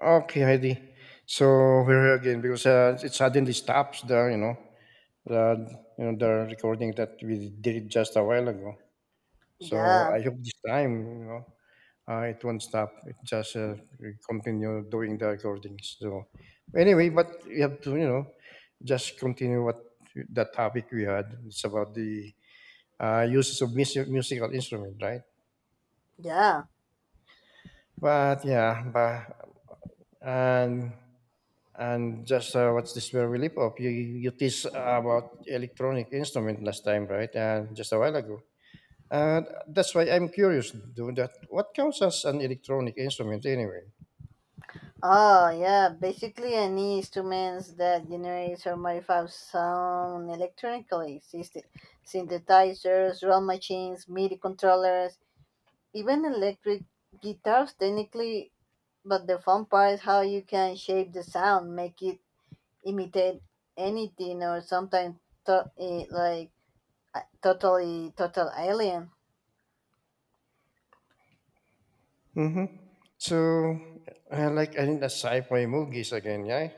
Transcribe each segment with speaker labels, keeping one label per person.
Speaker 1: Okay, Heidi. So we're here again because it suddenly stops the you know the you know the recording that we did just a while ago. So
Speaker 2: Yeah,
Speaker 1: I hope this time you know it won't stop. It just We continue doing the recordings. So anyway, but we have to just continue what the topic we had. It's about the uses of music, musical instrument, right?
Speaker 2: yeah.
Speaker 1: But yeah, but and and just what's this where we lip of you? You teased about electronic instrument last time, right? And just a while ago. And that's why I'm curious, do that. What counts as an electronic instrument anyway?
Speaker 2: Oh, yeah. Basically, any instruments that generates or modifies sound electronically, synthesizers, drum machines, MIDI controllers, even electric guitars, technically. But the fun part is how you can shape the sound, make it imitate anything, or sometimes like a total alien.
Speaker 1: Mm-hmm. So, I think the sci-fi movies again, yeah.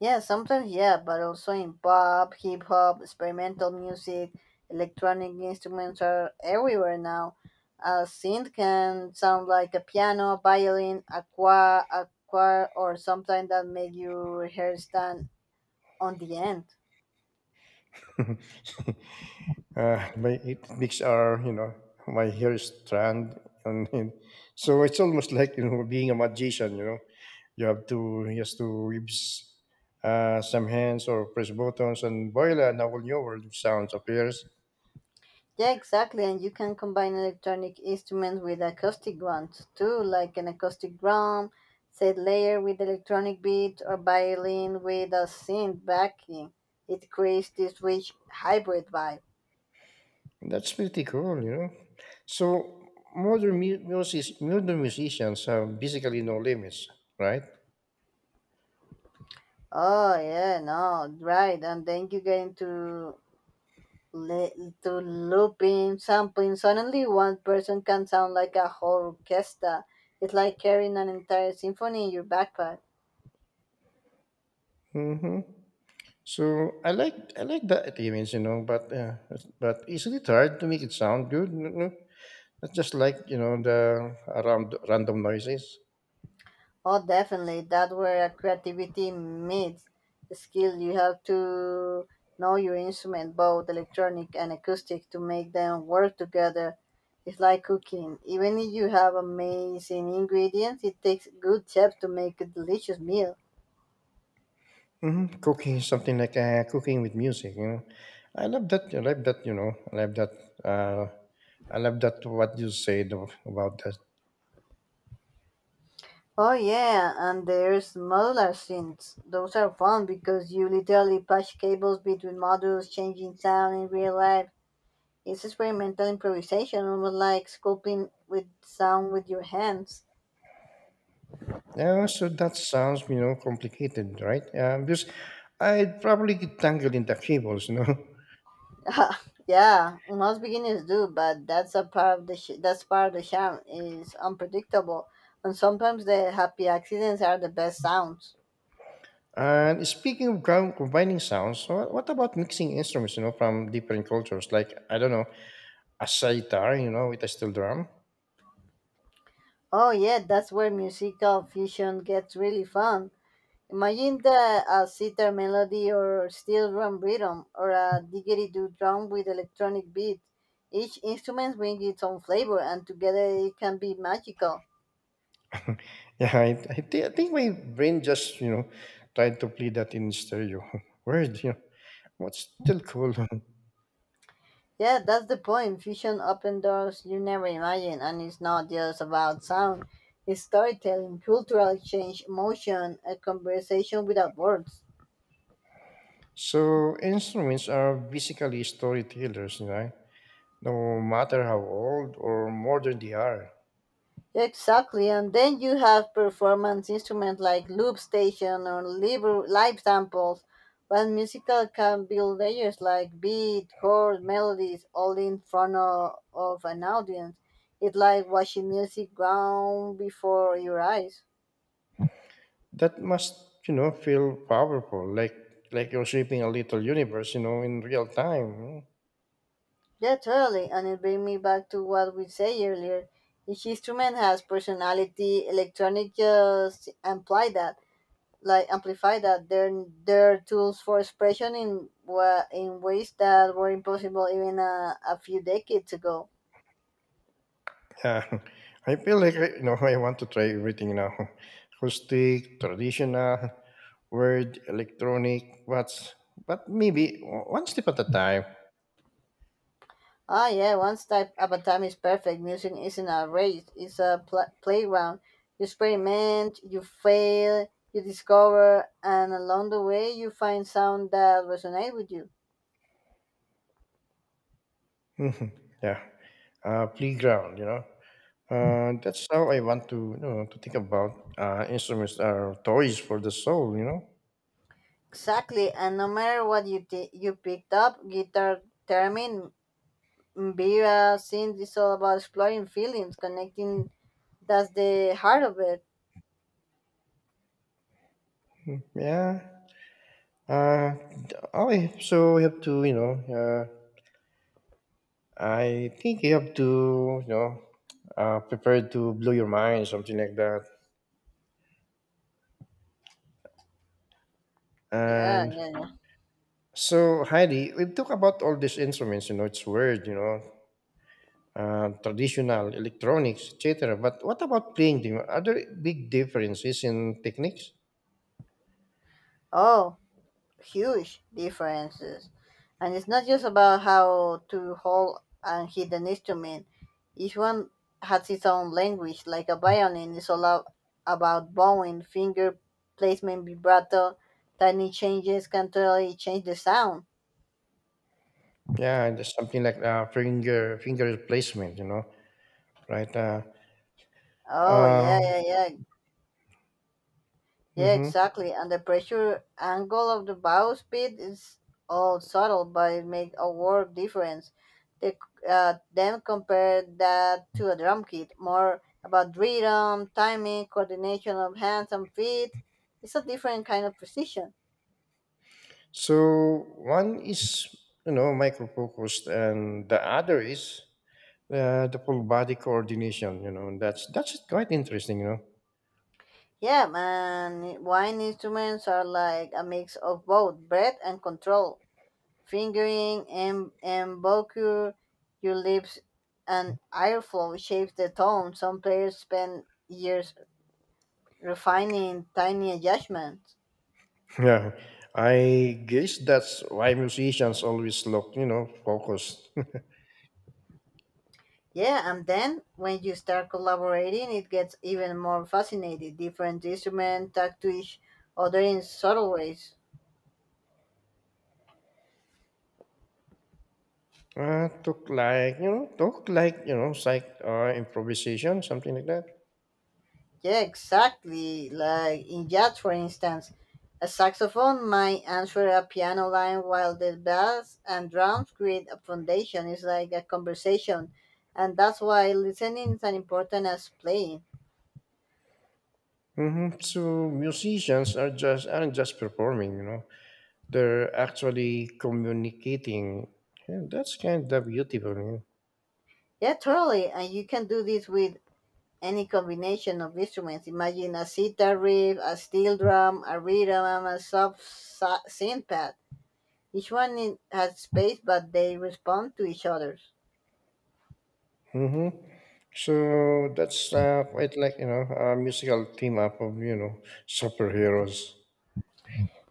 Speaker 2: Yeah, sometimes, yeah, but also in pop, hip hop, experimental music, electronic instruments are everywhere now. A synth can sound like a piano, violin, a choir or something that make your hair stand on the end.
Speaker 1: My 8 weeks are, my hair is strand on him. So it's almost like, being a magician, you know. He has to use some hands or press buttons and voila, now a new world of sounds appears.
Speaker 2: Yeah, exactly. And you can combine electronic instruments with acoustic ones too, like an acoustic drum, set layer with electronic beat, or violin with a synth backing. It creates this rich hybrid vibe.
Speaker 1: That's pretty cool. So modern music, modern musicians have basically no limits, right?
Speaker 2: Oh yeah, no, right. And then you get into to looping, sampling. Suddenly, one person can sound like a whole orchestra. It's like carrying an entire symphony in your backpack.
Speaker 1: Mm-hmm. So I like that image, but isn't it hard to make it sound good? That's just like the around random noises.
Speaker 2: Oh, definitely. That where creativity meets skill. You have to know your instrument, both electronic and acoustic, to make them work together. It's like cooking. Even if you have amazing ingredients, it takes good chefs to make a delicious meal.
Speaker 1: Hmm. Cooking is something like cooking with music. I love that. I love that. I love that. Uh, I love that. What you said about that.
Speaker 2: Oh yeah, and there's modular synths. Those are fun because you literally push cables between modules, changing sound in real life. It's experimental improvisation, almost like sculpting with sound with your hands.
Speaker 1: Yeah, so that sounds complicated, right? Because I'd probably get tangled in the cables.
Speaker 2: Yeah, most beginners do, but that's part of the charm is unpredictable, and sometimes the happy accidents are the best sounds.
Speaker 1: And speaking of combining sounds, what about mixing instruments, from different cultures? Like I don't know, a sitar, with a steel drum.
Speaker 2: Oh yeah, that's where musical fusion gets really fun. Imagine the a sitar melody or steel drum rhythm or a didgeridoo drum with electronic beat. Each instrument brings its own flavor, and together it can be magical.
Speaker 1: Yeah, I think my brain just tried to play that in stereo. Weird, what's still cool.
Speaker 2: Yeah, that's the point. Fusion open doors you never imagined, and it's not just about sound. It's storytelling, cultural exchange, emotion, a conversation without words.
Speaker 1: So instruments are basically storytellers, right? No matter how old or modern they are.
Speaker 2: Yeah, exactly, and then you have performance instruments like loop station or live samples, but musical can build layers like beat, chord, melodies, all in front of an audience. It's like watching music ground before your eyes.
Speaker 1: That must feel powerful, like you're shaping a little universe, in real time.
Speaker 2: Yeah, totally. And it brings me back to what we say earlier. Each instrument has personality. Electronic just imply that, like amplify that. They're tools for expression in in ways that were impossible even a few decades ago.
Speaker 1: Yeah, I feel like I, you know I want to try everything now: acoustic, traditional, word, electronic. What's but maybe one step at a time.
Speaker 2: Ah, yeah. Once type of a time is perfect. Music isn't a race. It's a playground. You experiment. You fail. You discover, and along the way, you find sound that resonates with you.
Speaker 1: Mhm. Yeah, playground. That's how I want to to think about instruments are toys for the soul. You know,
Speaker 2: Exactly, and no matter what you picked up, guitar, theremin, mbira, synth, it's all about exploring feelings, connecting. That's the heart of it.
Speaker 1: yeah. Uh, okay, so we have to. I think you have to you know prepare to blow your mind, something like that.
Speaker 2: Yeah,
Speaker 1: And
Speaker 2: yeah, yeah.
Speaker 1: so, Heidi, we talk about all these instruments. It's weird. Traditional electronics, et cetera. But what about playing them? Are there big differences in techniques?
Speaker 2: Oh, huge differences, and it's not just about how to hold and hit an instrument. Each one has its own language, like a violin. It's all about bowing, finger placement, vibrato. Tiny changes can totally change the sound.
Speaker 1: Yeah, and there's something like finger placement. You know, Right?
Speaker 2: Oh yeah,
Speaker 1: um,
Speaker 2: yeah, yeah, yeah,
Speaker 1: mhm.
Speaker 2: exactly. And the pressure angle of the bow speed is all subtle, but it makes a world difference. They, c- then compare that to a drum kit, more about rhythm, timing, coordination of hands and feet. It's a different kind of precision.
Speaker 1: So one is micro focused, and the other is the full body coordination. And that's quite interesting.
Speaker 2: Yeah, man, wine instruments are like a mix of both breath and control. Fingering embouchure, your lips and airflow shapes the tone. Some players spend years refining tiny adjustments.
Speaker 1: Yeah, I guess that's why musicians always look focused.
Speaker 2: Yeah, and then when you start collaborating, it gets even more fascinating. Different instruments talk to each other in subtle ways.
Speaker 1: Took like, you know, took like, you know, psych improvisation, something like that.
Speaker 2: Yeah, exactly. Like in jazz, for instance, a saxophone might answer a piano line while the bass and drums create a foundation. It's like a conversation. And that's why listening is as important as playing.
Speaker 1: Hmm. So musicians aren't just performing, they're actually communicating. Yeah, that's kind of beautiful. Yeah.
Speaker 2: Yeah, totally. And you can do this with any combination of instruments. Imagine a sitar riff, a steel drum, a rhythm, and a soft synth pad. Each one has space, but they respond to each other.
Speaker 1: Hmm. So that's quite like a musical team up of superheroes.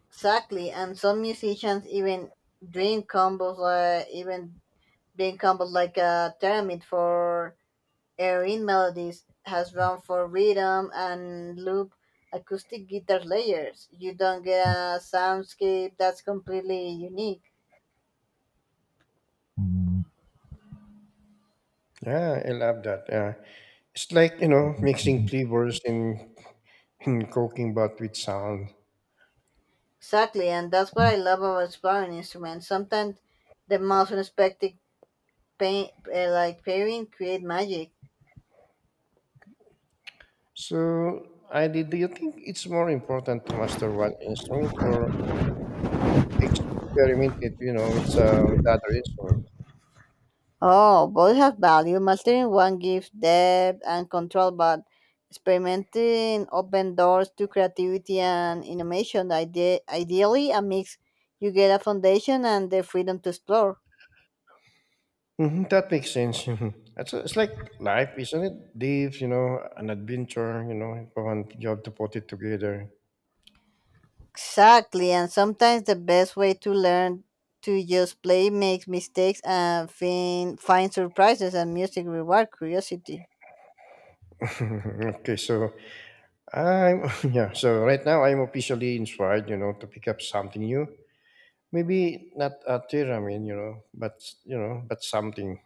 Speaker 2: Exactly, and some musicians even doing combos, uh, even doing combos like a pyramid for airing melodies has run for rhythm and loop acoustic guitar layers. You don't get a soundscape that's completely unique.
Speaker 1: Yeah, I love that. Yeah. It's like, mixing flavors and cooking but with sound.
Speaker 2: Exactly, and that's what I love about exploring instruments. Sometimes the most unexpected like pairing create magic.
Speaker 1: So, do you think it's more important to master one instrument or experiment it, with other instrument?
Speaker 2: Oh, both have value. Mastering one gives depth and control, but experimenting open doors to creativity and innovation. Ideally, a mix. You get a foundation and the freedom to explore.
Speaker 1: Hmm. That makes sense. Mhm. It's like life, isn't it? Dave, an adventure, if I want you have to put it together.
Speaker 2: Exactly, and sometimes the best way to learn to just play, make mistakes, and find surprises. And music reward curiosity.
Speaker 1: Okay, so yeah, so right now I'm officially inspired, to pick up something new. Maybe not a theremin, but something.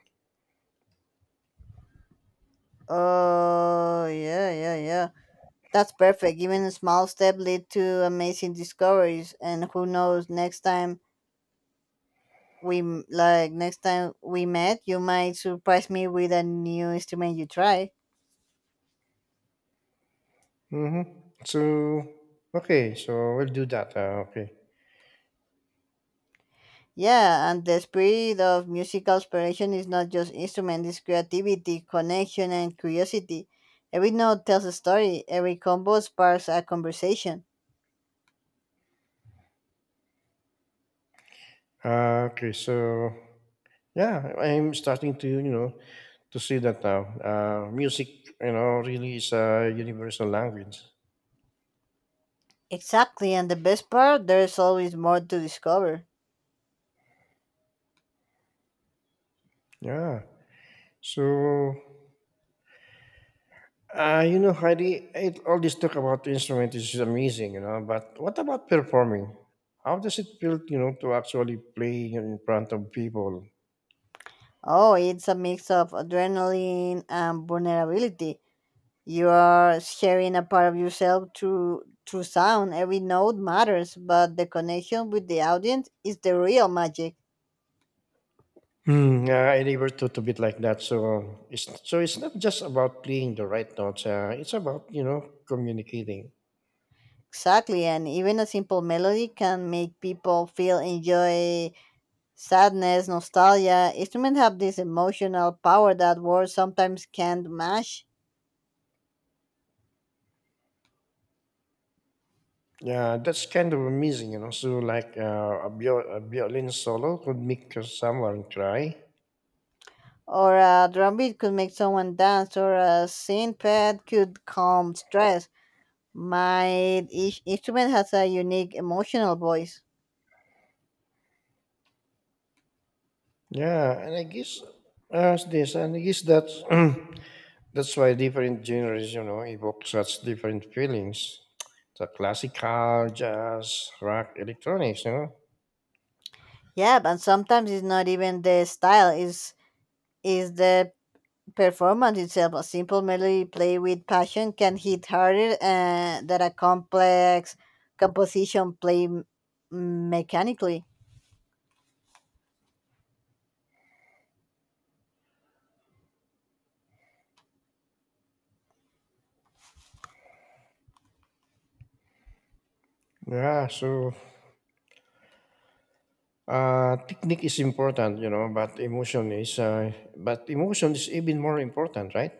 Speaker 2: Oh, yeah, yeah, yeah. That's perfect. Even a small step lead to amazing discoveries, and who knows? Next time we m- like next time we met, you might surprise me with a new instrument you try.
Speaker 1: Mm-hmm. So okay, so we'll do that. Okay.
Speaker 2: Yeah, and the spirit of musical inspiration is not just instrument; it's creativity, connection, and curiosity. Every note tells a story. Every combo sparks a conversation.
Speaker 1: Okay. So yeah, I'm starting to to see that now. Music, really is a universal language.
Speaker 2: Exactly, and the best part, there's always more to discover.
Speaker 1: Yeah. So Heidi, all this talk about instrument is amazing. But what about performing? How does it feel, to actually play in front of people?
Speaker 2: Oh, it's a mix of adrenaline and vulnerability. You are sharing a part of yourself through sound. Every note matters, but the connection with the audience is the real magic.
Speaker 1: Hmm. Yeah, I labor to, a bit like that. So it's not just about playing the right notes. It's about communicating.
Speaker 2: Exactly, and even a simple melody can make people feel enjoy, sadness, nostalgia. Instruments have this emotional power that words sometimes can't match.
Speaker 1: Yeah, that's kind of amazing. So like a violin solo could make someone cry.
Speaker 2: Or a drum beat could make someone dance, or a synth pad could calm stress. My each instrument has a unique emotional voice.
Speaker 1: Yeah, and I guess this, and I guess that's that's why different genres, evoke such different feelings. The classical, jazz, rock, electronics.
Speaker 2: Yeah, but sometimes it's not even the style, is the performance itself. A simple melody played with passion can hit harder than a complex composition played mechanically.
Speaker 1: Yeah, so technique is important, but emotion is even more important, right?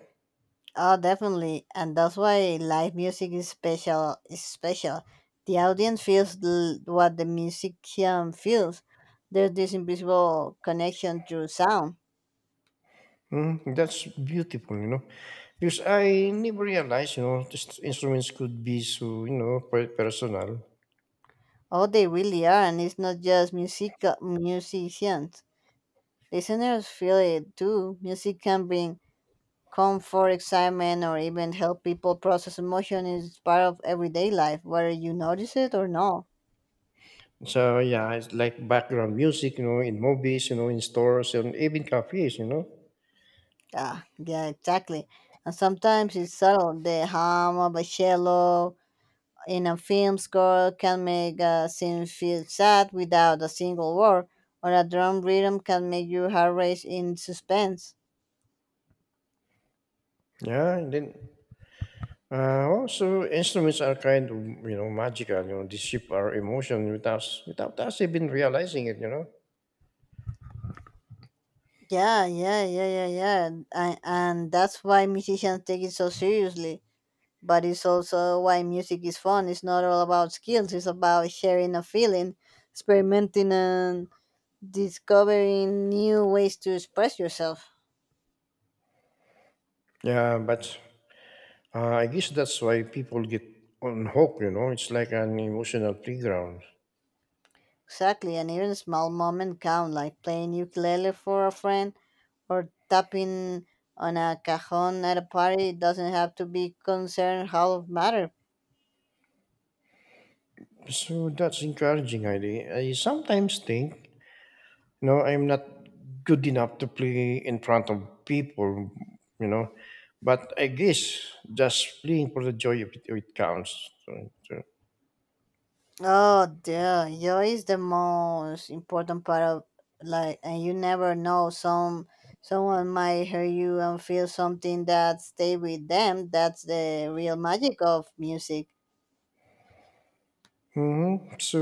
Speaker 2: Oh, definitely, and that's why live music is special. The audience feels what the musician feels. There's this invisible connection through sound.
Speaker 1: Mm, that's beautiful, because I never realized, just instruments could be so personal.
Speaker 2: Oh, they really are, and it's not just musicians. Listeners feel it too. Music can bring comfort, excitement, or even help people process emotion. It's part of everyday life, whether you notice it or not.
Speaker 1: So yeah, it's like background music, in movies, in stores and even cafes.
Speaker 2: Ah, yeah, exactly. And sometimes it's subtle. The hum of a cello in a film score can make a scene feel sad without a single word, or a drum rhythm can make your heart race in suspense.
Speaker 1: Yeah, and then also instruments are kind of magical, they shape our emotion without us even realizing it.
Speaker 2: Yeah, yeah, yeah, yeah, yeah. And that's why musicians take it so seriously, but it's also why music is fun. It's not all about skills, it's about sharing a feeling, experimenting, and discovering new ways to express yourself.
Speaker 1: Yeah, but I guess that's why people get on hook, it's like an emotional playground.
Speaker 2: Exactly, and even small moments count, like playing ukulele for a friend or tapping on a cajon at a party. It doesn't have to be concerned how it matters.
Speaker 1: So that's encouraging, Heidi. I sometimes think, I'm not good enough to play in front of people, you know, but I guess just playing for the joy of it, it counts. So.
Speaker 2: Oh, dude, joy is the most important part of like, and you never know. Someone might hear you and feel something that stay with them. That's the real magic of music.
Speaker 1: Mhm. So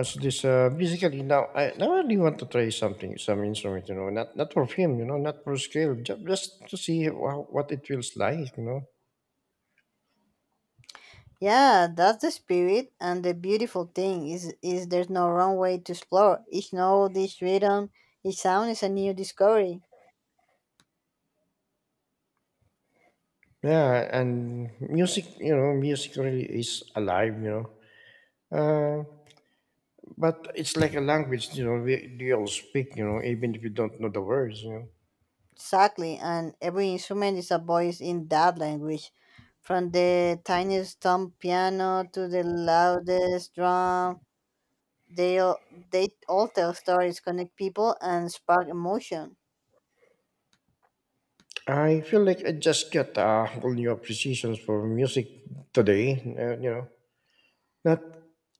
Speaker 1: as this basically now I really want to try some instrument not for fame not for scale just to see what it feels like.
Speaker 2: Yeah, that's the spirit, and the beautiful thing is there's no wrong way to explore. Each note, each rhythm, each sound is a new discovery.
Speaker 1: Yeah, and music really is alive. Uh, but it's like a language, we all speak, even if you don't know the words.
Speaker 2: Exactly, and every instrument is a voice in that language, from the tiniest tom piano to the loudest drum. They all, they all tell stories, connect people, and spark emotion.
Speaker 1: I feel like I just got a whole new appreciation for music today, not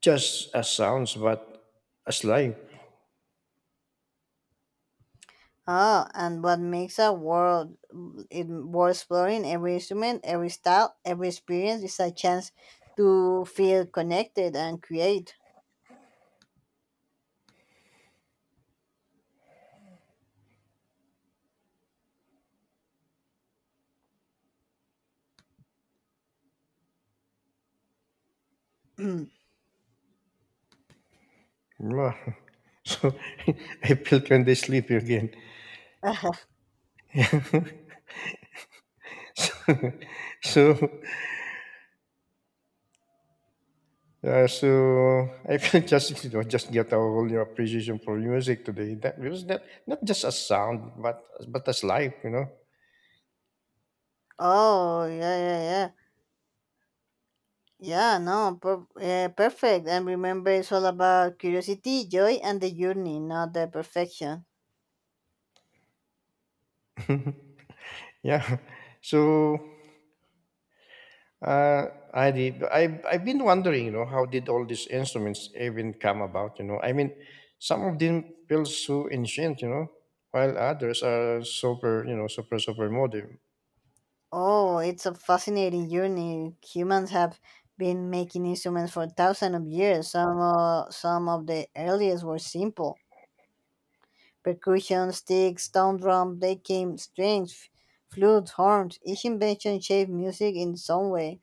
Speaker 1: just as sounds, but as life.
Speaker 2: Ah, and what makes a world it worth exploring? Every instrument, every style, every experience is a chance to feel connected and create.
Speaker 1: Mwah. So I felt when they sleep again. so, so Yeah, so I feel just you know just get a whole new appreciation for music today. That because that not just as sound, but as life.
Speaker 2: Oh yeah, yeah, yeah. Yeah, no, perfect. And remember, it's all about curiosity, joy, and the journey, not the perfection.
Speaker 1: Yeah. So uh, I did. I've been wondering, how did all these instruments even come about? I mean, some of them feel so ancient, while others are super, you know, super super modern.
Speaker 2: Oh, it's a fascinating journey. Humans have been making instruments for thousands of years. Some of the earliest were simple percussion, sticks, stone drum. They came strings, flutes, horns. Each invention shaped music in some way.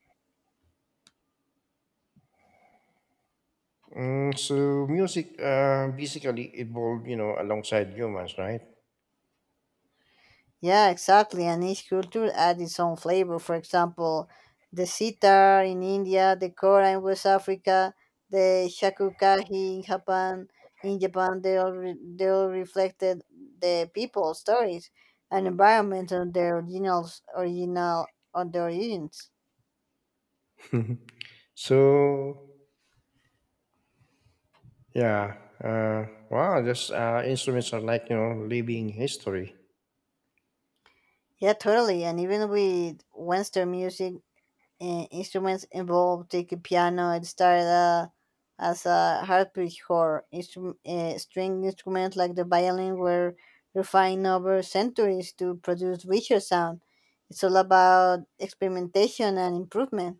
Speaker 1: Mm, so music basically evolved, alongside humans, right?
Speaker 2: Yeah, exactly. And each culture adds its own flavor. For example, the sitar in India, the kora in West Africa, the shakukahi in Japan. They all reflected the people, stories, and environment on their origins.
Speaker 1: so Yeah. Wow, just instruments are like, living history.
Speaker 2: Yeah, totally. And even with Western music, instruments involved. Take a piano, it started as a harpsichord. String instruments like the violin were refined over centuries to produce richer sound. It's all about experimentation and improvement.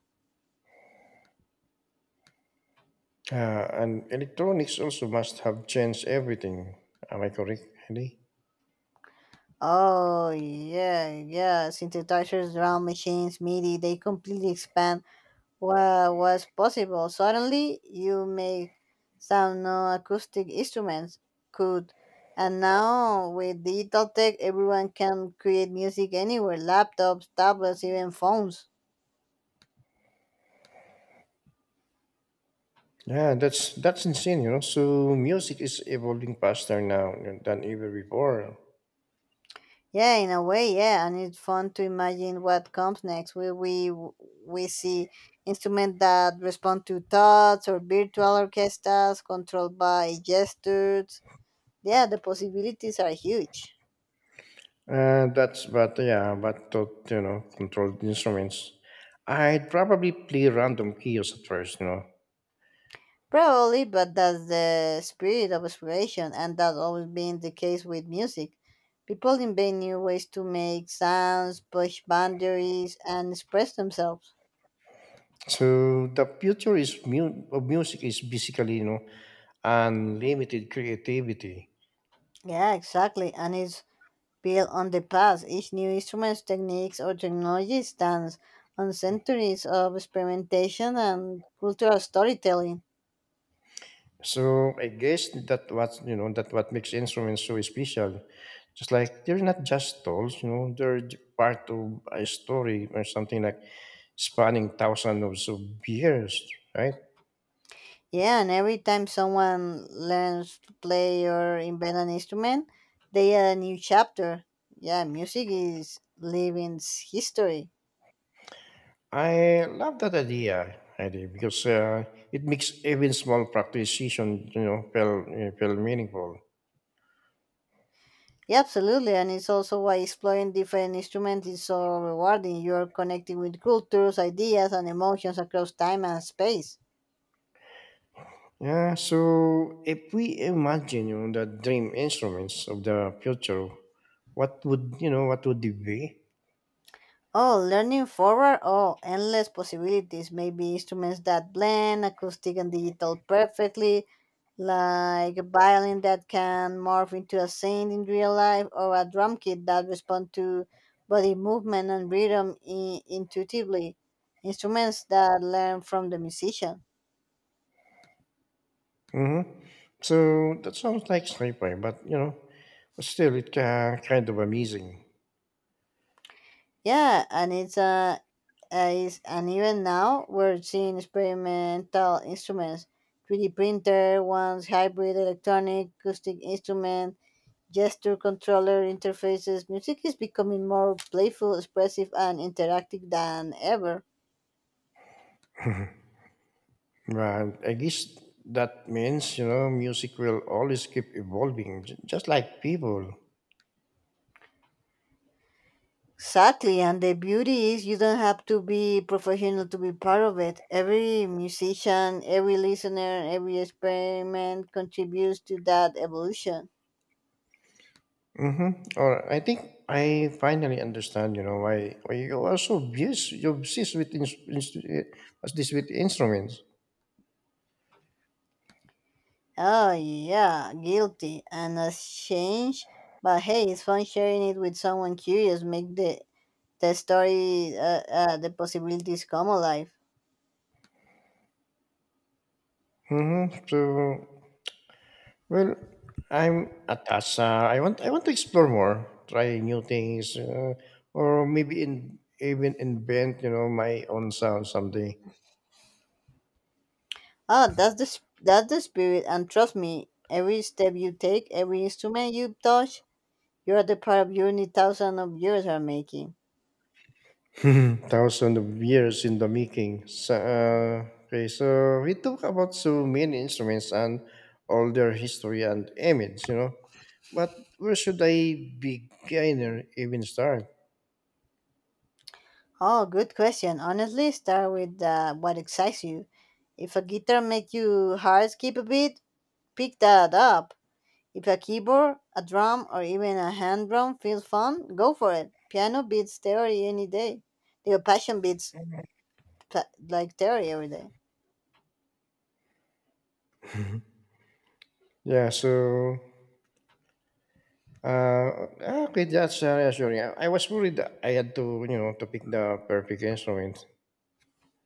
Speaker 1: Uh, and electronics also must have changed everything. Am I correct, Andy?
Speaker 2: Oh yeah, yeah, synthesizers, drum machines, MIDI, they completely expand. What was possible? Suddenly, you make sound no acoustic instruments could. And now, with digital tech, everyone can create music anywhere: laptops, tablets, even phones.
Speaker 1: Yeah, that's insane. So music is evolving faster now than ever before.
Speaker 2: Yeah, in a way, yeah, and it's fun to imagine what comes next. Will we see instruments that respond to thoughts or virtual orchestras controlled by gestures? Yeah, the possibilities are huge.
Speaker 1: That's But yeah, but to controlled instruments. I'd probably play random keys at first.
Speaker 2: Probably, but that's the spirit of exploration, and that's always been the case with music. People invent new ways to make sounds, push boundaries, and express themselves.
Speaker 1: So the future is of music is basically unlimited creativity.
Speaker 2: Yeah, exactly, and it's built on the past. Each new instrument, techniques, or technology stands on centuries of experimentation and cultural storytelling.
Speaker 1: So I guess that what makes instruments so special. Just like they're not just tools, they're part of a story or something like spanning thousands of years, right?
Speaker 2: Yeah, and every time someone learns to play or invent an instrument, they add a new chapter. Yeah, music is living history.
Speaker 1: I love that idea because it makes even small practice session feel meaningful.
Speaker 2: Yeah, absolutely, and it's also why exploring different instruments is so rewarding. You're connecting with cultures, ideas, and emotions across time and space.
Speaker 1: Yeah. So if we imagine the dream instruments of the future, what would you know? What would it be?
Speaker 2: Oh, learning forward? Oh, endless possibilities. Maybe instruments that blend acoustic and digital perfectly, like a violin that can morph into a saint in real life, or a drum kit that responds to body movement and rhythm intuitively. Instruments that learn from the musician.
Speaker 1: Hmm. So that sounds like sniper, but still it kind of amazing.
Speaker 2: Yeah, and it's is and even now we're seeing experimental instruments, 3D printer, ones hybrid electronic acoustic instrument, gesture controller interfaces. Music is becoming more playful, expressive, and interactive than ever.
Speaker 1: And I guess that means music will always keep evolving, just like people.
Speaker 2: Exactly, and the beauty is you don't have to be professional to be part of it. Every musician, every listener, every experiment contributes to that evolution.
Speaker 1: Mm-hmm. Or I think I finally understand. You know why you are so obsessed. You obsessed with ins- ins- as this with instruments.
Speaker 2: Oh yeah, guilty and ashamed. But hey, it's fun sharing it with someone curious. Make the story, the possibilities come alive.
Speaker 1: Mm-hmm. So well, I'm attached. I want to explore more, try new things, or maybe even invent my own sound someday.
Speaker 2: Ah, that's the spirit. And trust me, every step you take, every instrument you touch, you're the part of journey thousands of years are making.
Speaker 1: Thousand of years in the making. So, okay, so we talk about so many instruments and all their history and image. But where should I begin or even start?
Speaker 2: Oh, good question. Honestly, start with what excites you. If a guitar makes you heart skip a beat, pick that up. If a keyboard, a drum, or even a hand drum feels fun, go for it. Piano beats theory any day. Your passion beats like theory every day.
Speaker 1: Yeah, so okay, that's reassuring. I was worried that I had to pick the perfect instrument.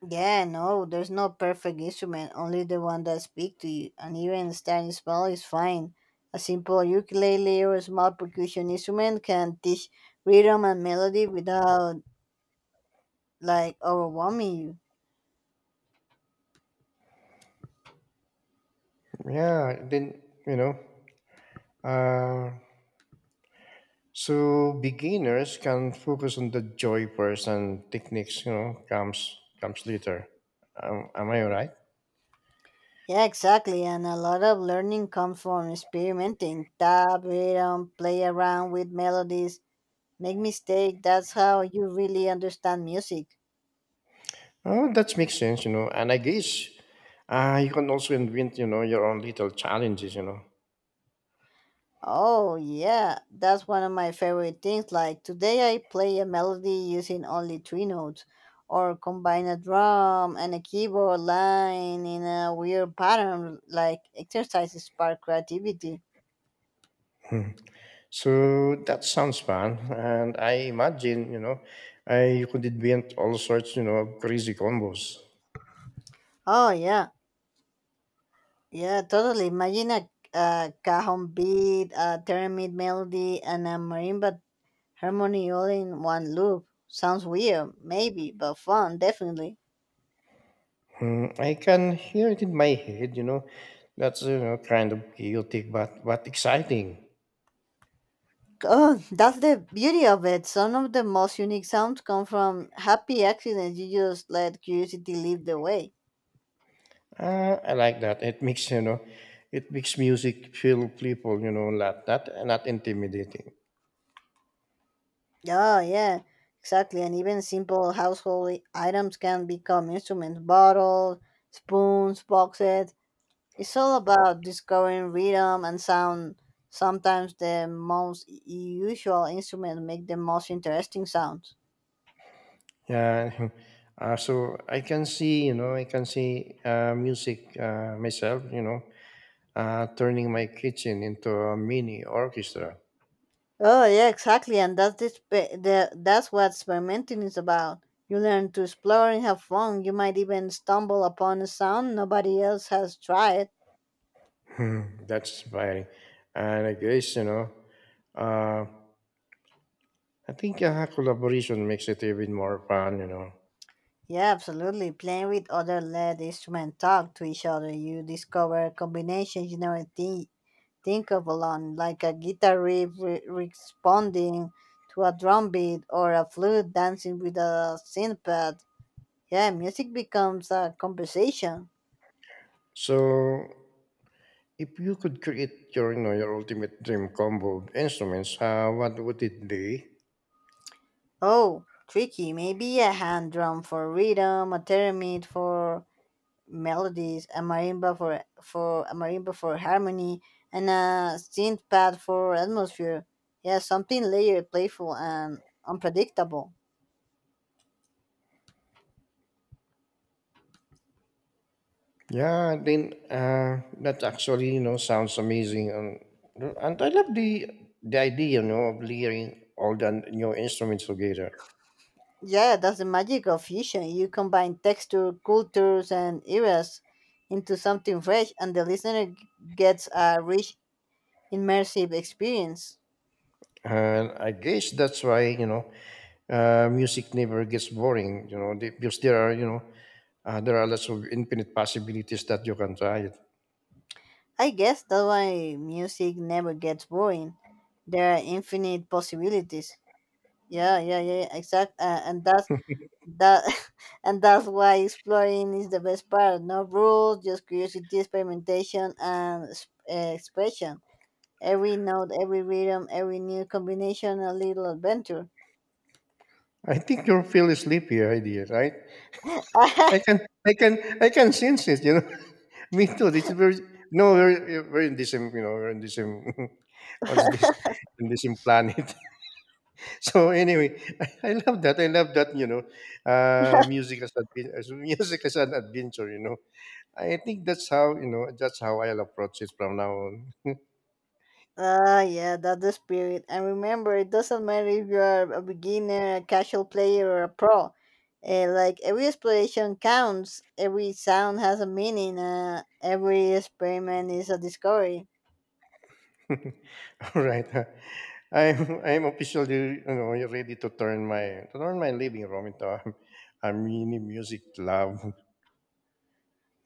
Speaker 2: Yeah, no, there's no perfect instrument, only the one that speaks to you, and even starting small is fine. A simple ukulele or a small percussion instrument can teach rhythm and melody without like overwhelming you.
Speaker 1: Yeah, then, uh, so beginners can focus on the joy first and techniques, comes later. Am I right?
Speaker 2: Yeah, exactly, and a lot of learning comes from experimenting, tap, rhythm, play around with melodies, make mistake, that's how you really understand music.
Speaker 1: Oh, that makes sense. And I guess you can also invent, your own little challenges.
Speaker 2: Oh, yeah, that's one of my favorite things. Like today, I play a melody using only three notes, or combine a drum and a keyboard line in a weird pattern, like exercises spark creativity.
Speaker 1: So that sounds fun, and I imagine I could invent all sorts of crazy combos.
Speaker 2: Oh, yeah, yeah, totally. Imagine a cajon beat, a theremin melody, and a marimba harmony all in one loop. Sounds weird, maybe, but fun, definitely.
Speaker 1: Hmm, I can hear it in my head. That's kind of chaotic, but exciting.
Speaker 2: Oh, that's the beauty of it. Some of the most unique sounds come from happy accidents. You just let curiosity lead the way.
Speaker 1: I like that. It makes it makes music feel playful, you know, not intimidating.
Speaker 2: Oh, yeah, exactly. And even simple household items can become instruments bottles, spoons, boxes. It's all about discovering rhythm and sound. Sometimes the most usual instruments make the most interesting sounds.
Speaker 1: Yeah. So I can see, you know, I can see music myself, you know, turning my kitchen into a mini orchestra.
Speaker 2: Oh yeah, exactly, and that's this, pe- the, that's what experimenting is about. You learn to explore and have fun. You might even stumble upon a sound nobody else has tried.
Speaker 1: Hmm, that's inspiring. And I guess, uh, I think collaboration makes it even more fun, you know.
Speaker 2: Yeah, absolutely. Playing with other lead instruments, talk to each other. You discover combinations you never think of alone, like a guitar riff responding to a drum beat or a flute dancing with a synth pad. Yeah, music becomes a conversation.
Speaker 1: So, if you could create your, you know, your ultimate dream combo of instruments, what would it be?
Speaker 2: Oh, tricky. Maybe a hand drum for rhythm, a theremin for melodies, a marimba for harmony, and a synth pad for atmosphere. Yeah, something layered, playful, and unpredictable.
Speaker 1: Yeah, then that actually, you know, sounds amazing. And I love the idea, you know, of layering all the new instruments together.
Speaker 2: Yeah, that's the magic of fusion. You combine texture, cultures, and eras into something fresh, and the listener gets a rich, immersive experience.
Speaker 1: And I guess that's why you know music never gets boring. You know because there are you know there are lots of infinite possibilities that you can try. It.
Speaker 2: I guess that's why music never gets boring. There are infinite possibilities. Yeah, yeah, yeah, yeah, exact. And that, and that's why exploring is the best part. No rules, just curiosity, experimentation, and expression. Every note, every rhythm, every new combination, a little adventure.
Speaker 1: I think you are feel sleepy idea, right? I can I can I can sense it. You know, me too. This is very no we're in the same you know we're in the same what's this in the same planet. So anyway, I love that. I love that. You know, music as, as music as an adventure. You know I think that's how you know. That's how I'll approach it from now on.
Speaker 2: Ah, yeah, that's the spirit. And remember, it doesn't matter if you are a beginner, a casual player, or a pro. Like every exploration counts, every sound has a meaning, every experiment is a discovery.
Speaker 1: All right, I'm officially you know ready to turn my living room into a mini music club.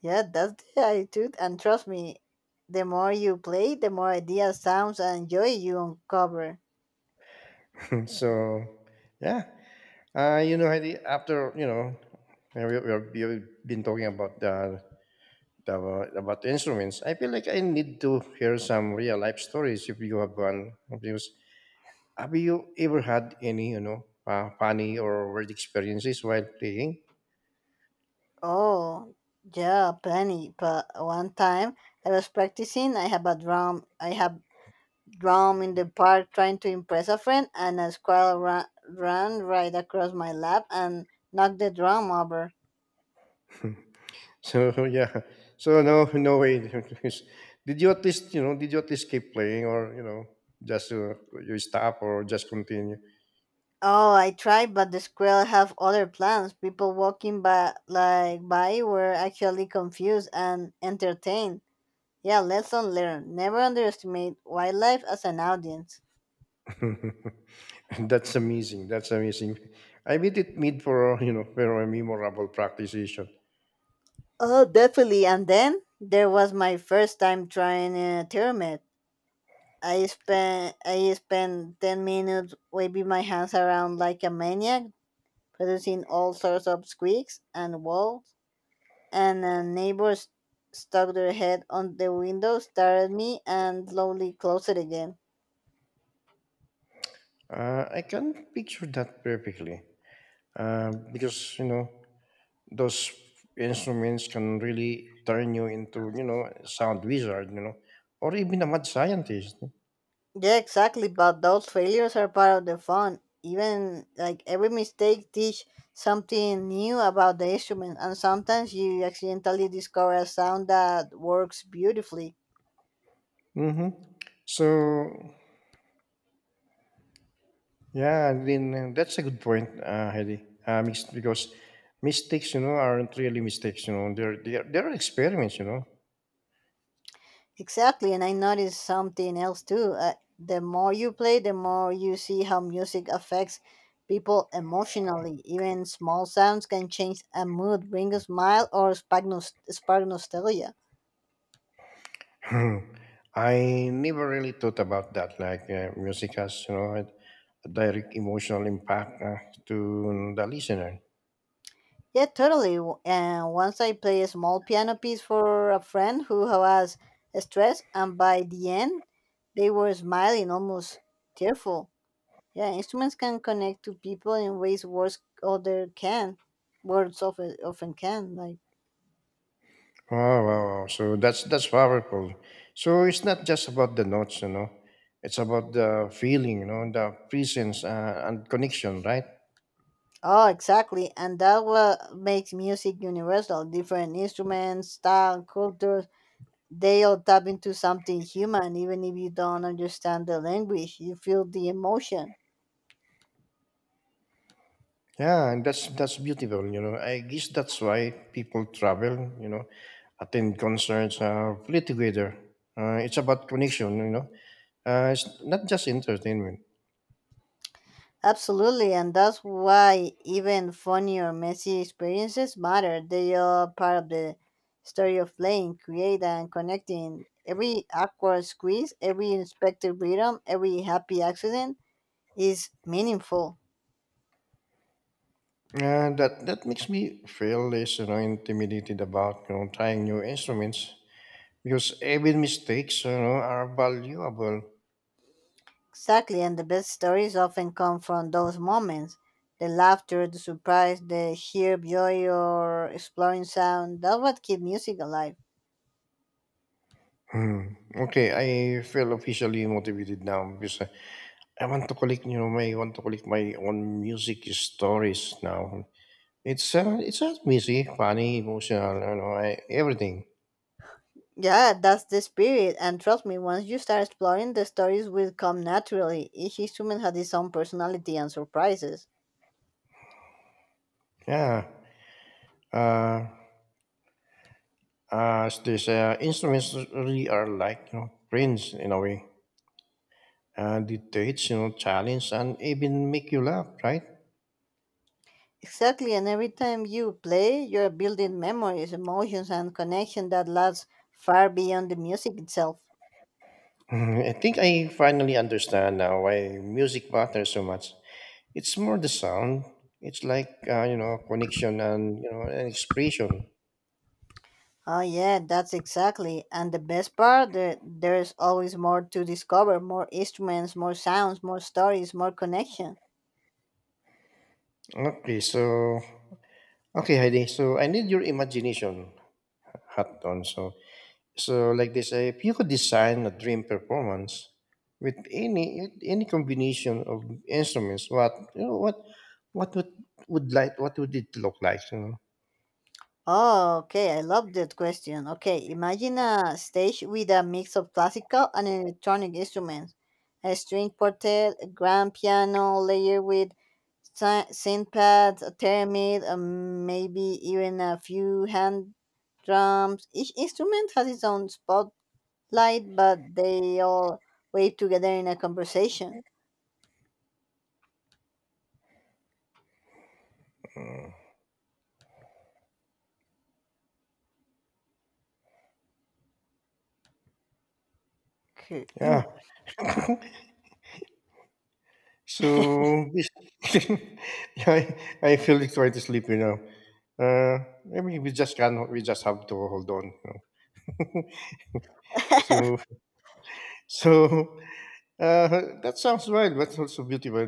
Speaker 2: Yeah, that's the attitude. And trust me, the more you play, the more ideas, sounds, and joy you uncover.
Speaker 1: So, yeah, you know, Heidi, after you know, uh, we have been talking about the about the instruments. I feel like I need to hear some real life stories if you have one. Because have you ever had any, you know, funny or weird experiences while playing?
Speaker 2: Oh, yeah, plenty. But one time I was practicing, I have a drum. I have drowned in the park trying to impress a friend, and a squirrel ran right across my lap and knocked the drum over.
Speaker 1: So yeah, so no, no way. Did you at least, you know, did you at least keep playing, or you know, just you stop or just continue?
Speaker 2: Oh, I tried, but the squirrel have other plans. People walking by, were actually confused and entertained. Yeah, lesson learned. Never underestimate wildlife as an audience.
Speaker 1: That's amazing. That's amazing. I made it made for you know for a memorable practice session.
Speaker 2: Oh, definitely. And then there was my first time trying a pyramid. I spent 10 minutes waving my hands around like a maniac, producing all sorts of squeaks and whales. And a neighbor stuck their head on the window, stared at me, and slowly closed it again.
Speaker 1: I can picture that perfectly. Because you know those instruments can really turn you into you know a sound wizard you know or even a mad scientist.
Speaker 2: Yeah, exactly. But those failures are part of the fun. Even like every mistake teach something new about the instrument, and sometimes you accidentally discover a sound that works beautifully.
Speaker 1: Mm-hmm. So yeah then that's a good point Heidi because mistakes you know aren't really mistakes you know they're experiments you know
Speaker 2: Exactly, and I noticed something else too. The more you play, the more you see how music affects people emotionally. Even small sounds can change a mood, bring a smile, or spark nostalgia.
Speaker 1: Hmm. I never really thought about that like music has you know a direct emotional impact to the listener.
Speaker 2: Yeah, totally. And once I play a small piano piece for a friend who was stressed, and by the end, they were smiling, almost tearful. Yeah, instruments can connect to people in ways words often can. Like.
Speaker 1: Wow, wow, wow. So that's powerful. So it's not just about the notes, you know. It's about the feeling, you know, the presence and connection, right?
Speaker 2: Oh, exactly. And that what makes music universal. Different instruments, style, cultures, they all tap into something human, even if you don't understand the language. You feel the emotion.
Speaker 1: Yeah, and that's beautiful, you know. I guess that's why people travel, you know, attend concerts, play together. It's about connection, you know. It's not just entertainment.
Speaker 2: Absolutely. And that's why even funny or messy experiences matter. They are part of the story of playing, creating, and connecting. Every awkward squeeze, every unexpected rhythm, every happy accident is meaningful.
Speaker 1: That that makes me feel less, you know, intimidated about you know trying new instruments because even mistakes, you know, are valuable.
Speaker 2: Exactly, and the best stories often come from those moments. The laughter, the surprise, the sheer joy or exploring sound. That's what keeps music alive.
Speaker 1: Hmm. Okay, I feel officially motivated now because I want to collect, you know, my I want to collect my own music stories now. It's not easy, funny, emotional, you know, I, everything.
Speaker 2: Yeah, that's the spirit. And trust me, once you start exploring, the stories will come naturally. Each instrument has its own personality and surprises.
Speaker 1: Yeah. Uh, this instruments really are like you know friends in a way. Dictates, you know, challenge and even make you laugh, right?
Speaker 2: Exactly, and every time you play, you're building memories, emotions, and connection that lasts far beyond the music itself.
Speaker 1: I think I finally understand now why music matters so much. It's more the sound. It's like you know connection and you know an expression.
Speaker 2: Oh yeah, that's exactly. And the best part, there's always more to discover, more instruments, more sounds, more stories, more connection.
Speaker 1: Okay, so okay, Heidi. So I need your imagination hat on. So so like this, if you could design a dream performance with any combination of instruments, what you know, what would like what would it look like? You know?
Speaker 2: Oh, okay, I love that question. Okay, imagine a stage with a mix of classical and electronic instruments. A string quartet, a grand piano layered with synth pads, a theremin, and maybe even a few hand drums. Each instrument has its own spot light, but they all wave together in a conversation. Cr-
Speaker 1: Yeah. So this, I, I feel like trying to sleep, you know. Uh, I mean, we just can't. We just have to hold on. You know? So, so that sounds wild, but also beautiful.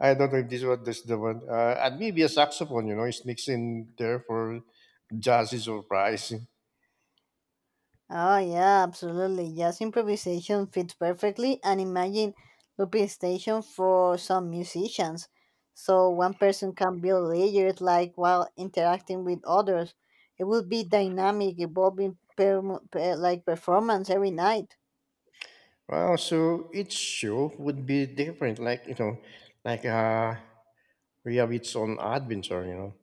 Speaker 1: I don't know if this one this the one. And maybe a saxophone, you know, it sneaks in there for jazzy surprise.
Speaker 2: Oh yeah, absolutely. Jazz improvisation fits perfectly, and imagine looping station for some musicians, so one person can build layers like while interacting with others. It will be dynamic, evolving like performance every night.
Speaker 1: Wow, so each show would be different, like you know, like we have its own adventure, you know.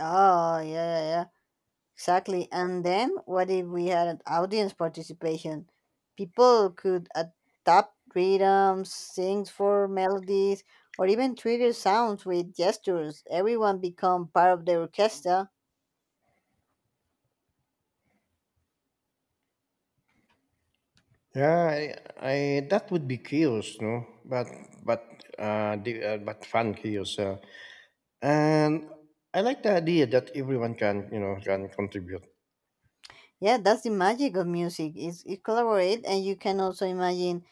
Speaker 2: Oh yeah, yeah. Exactly. And then what if we had an audience participation? People could adopt rhythms, sing for melodies, or even trigger sounds with gestures. Everyone become part of the orchestra.
Speaker 1: Yeah, I that would be chaos, no? But but fun chaos. And I like the idea that everyone can you know can contribute.
Speaker 2: Yeah, that's the magic of music. It's, it collaborate, and you can also imagine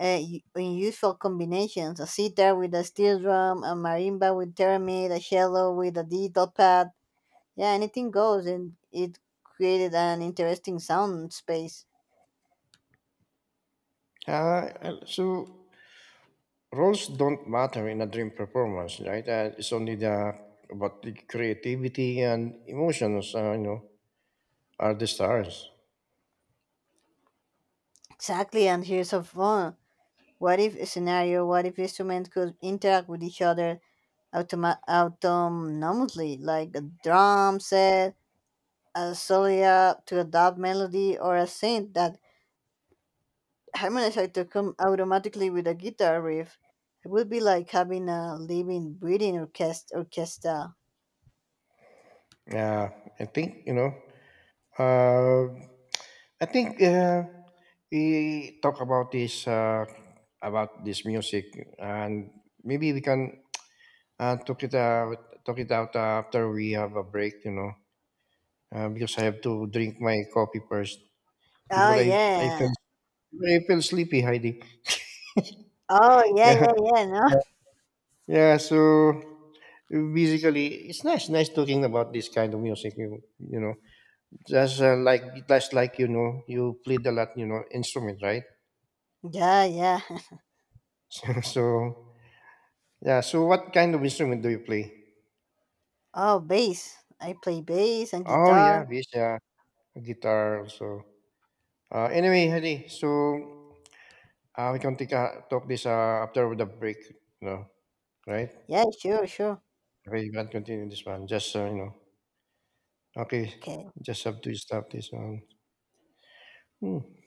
Speaker 2: unusual combinations: a sitar with a steel drum, a marimba with theremin, a cello with a digital pad. Yeah, anything goes, and it created an interesting sound space.
Speaker 1: So roles don't matter in a dream performance, right? It's only the about the creativity and emotions, you know, are the stars.
Speaker 2: Exactly, and here's a fun what if scenario what if instruments could interact with each other autonomously, like a drum set, a solia to adopt melody, or a synth that harmonizes to come automatically with a guitar riff? It would be like having a living, breathing orchestra.
Speaker 1: Yeah, I think you know. Uh, I think we talk about this music, and maybe we can talk it out after we have a break. You know, because I have to drink my coffee first
Speaker 2: Oh,
Speaker 1: because I
Speaker 2: yeah.
Speaker 1: feel I feel sleepy, Heidi.
Speaker 2: Oh, yeah, yeah, yeah, no?
Speaker 1: Yeah, yeah. So basically, it's nice nice talking about this kind of music. You know, just like just like you know, you played a lot. You know, instrument, right?
Speaker 2: Yeah, yeah.
Speaker 1: So. Yeah, so what kind of instrument do you play?
Speaker 2: Oh, bass. I play bass and
Speaker 1: Oh yeah,
Speaker 2: guitar.
Speaker 1: bass, yeah, guitar also. Anyway, Hadi, so we can take a, talk this after the break, you know, right?
Speaker 2: Yeah, sure, sure.
Speaker 1: Okay, you can continue this one. Just you know, okay,
Speaker 2: Okay.
Speaker 1: just have to stop this one. Hmm.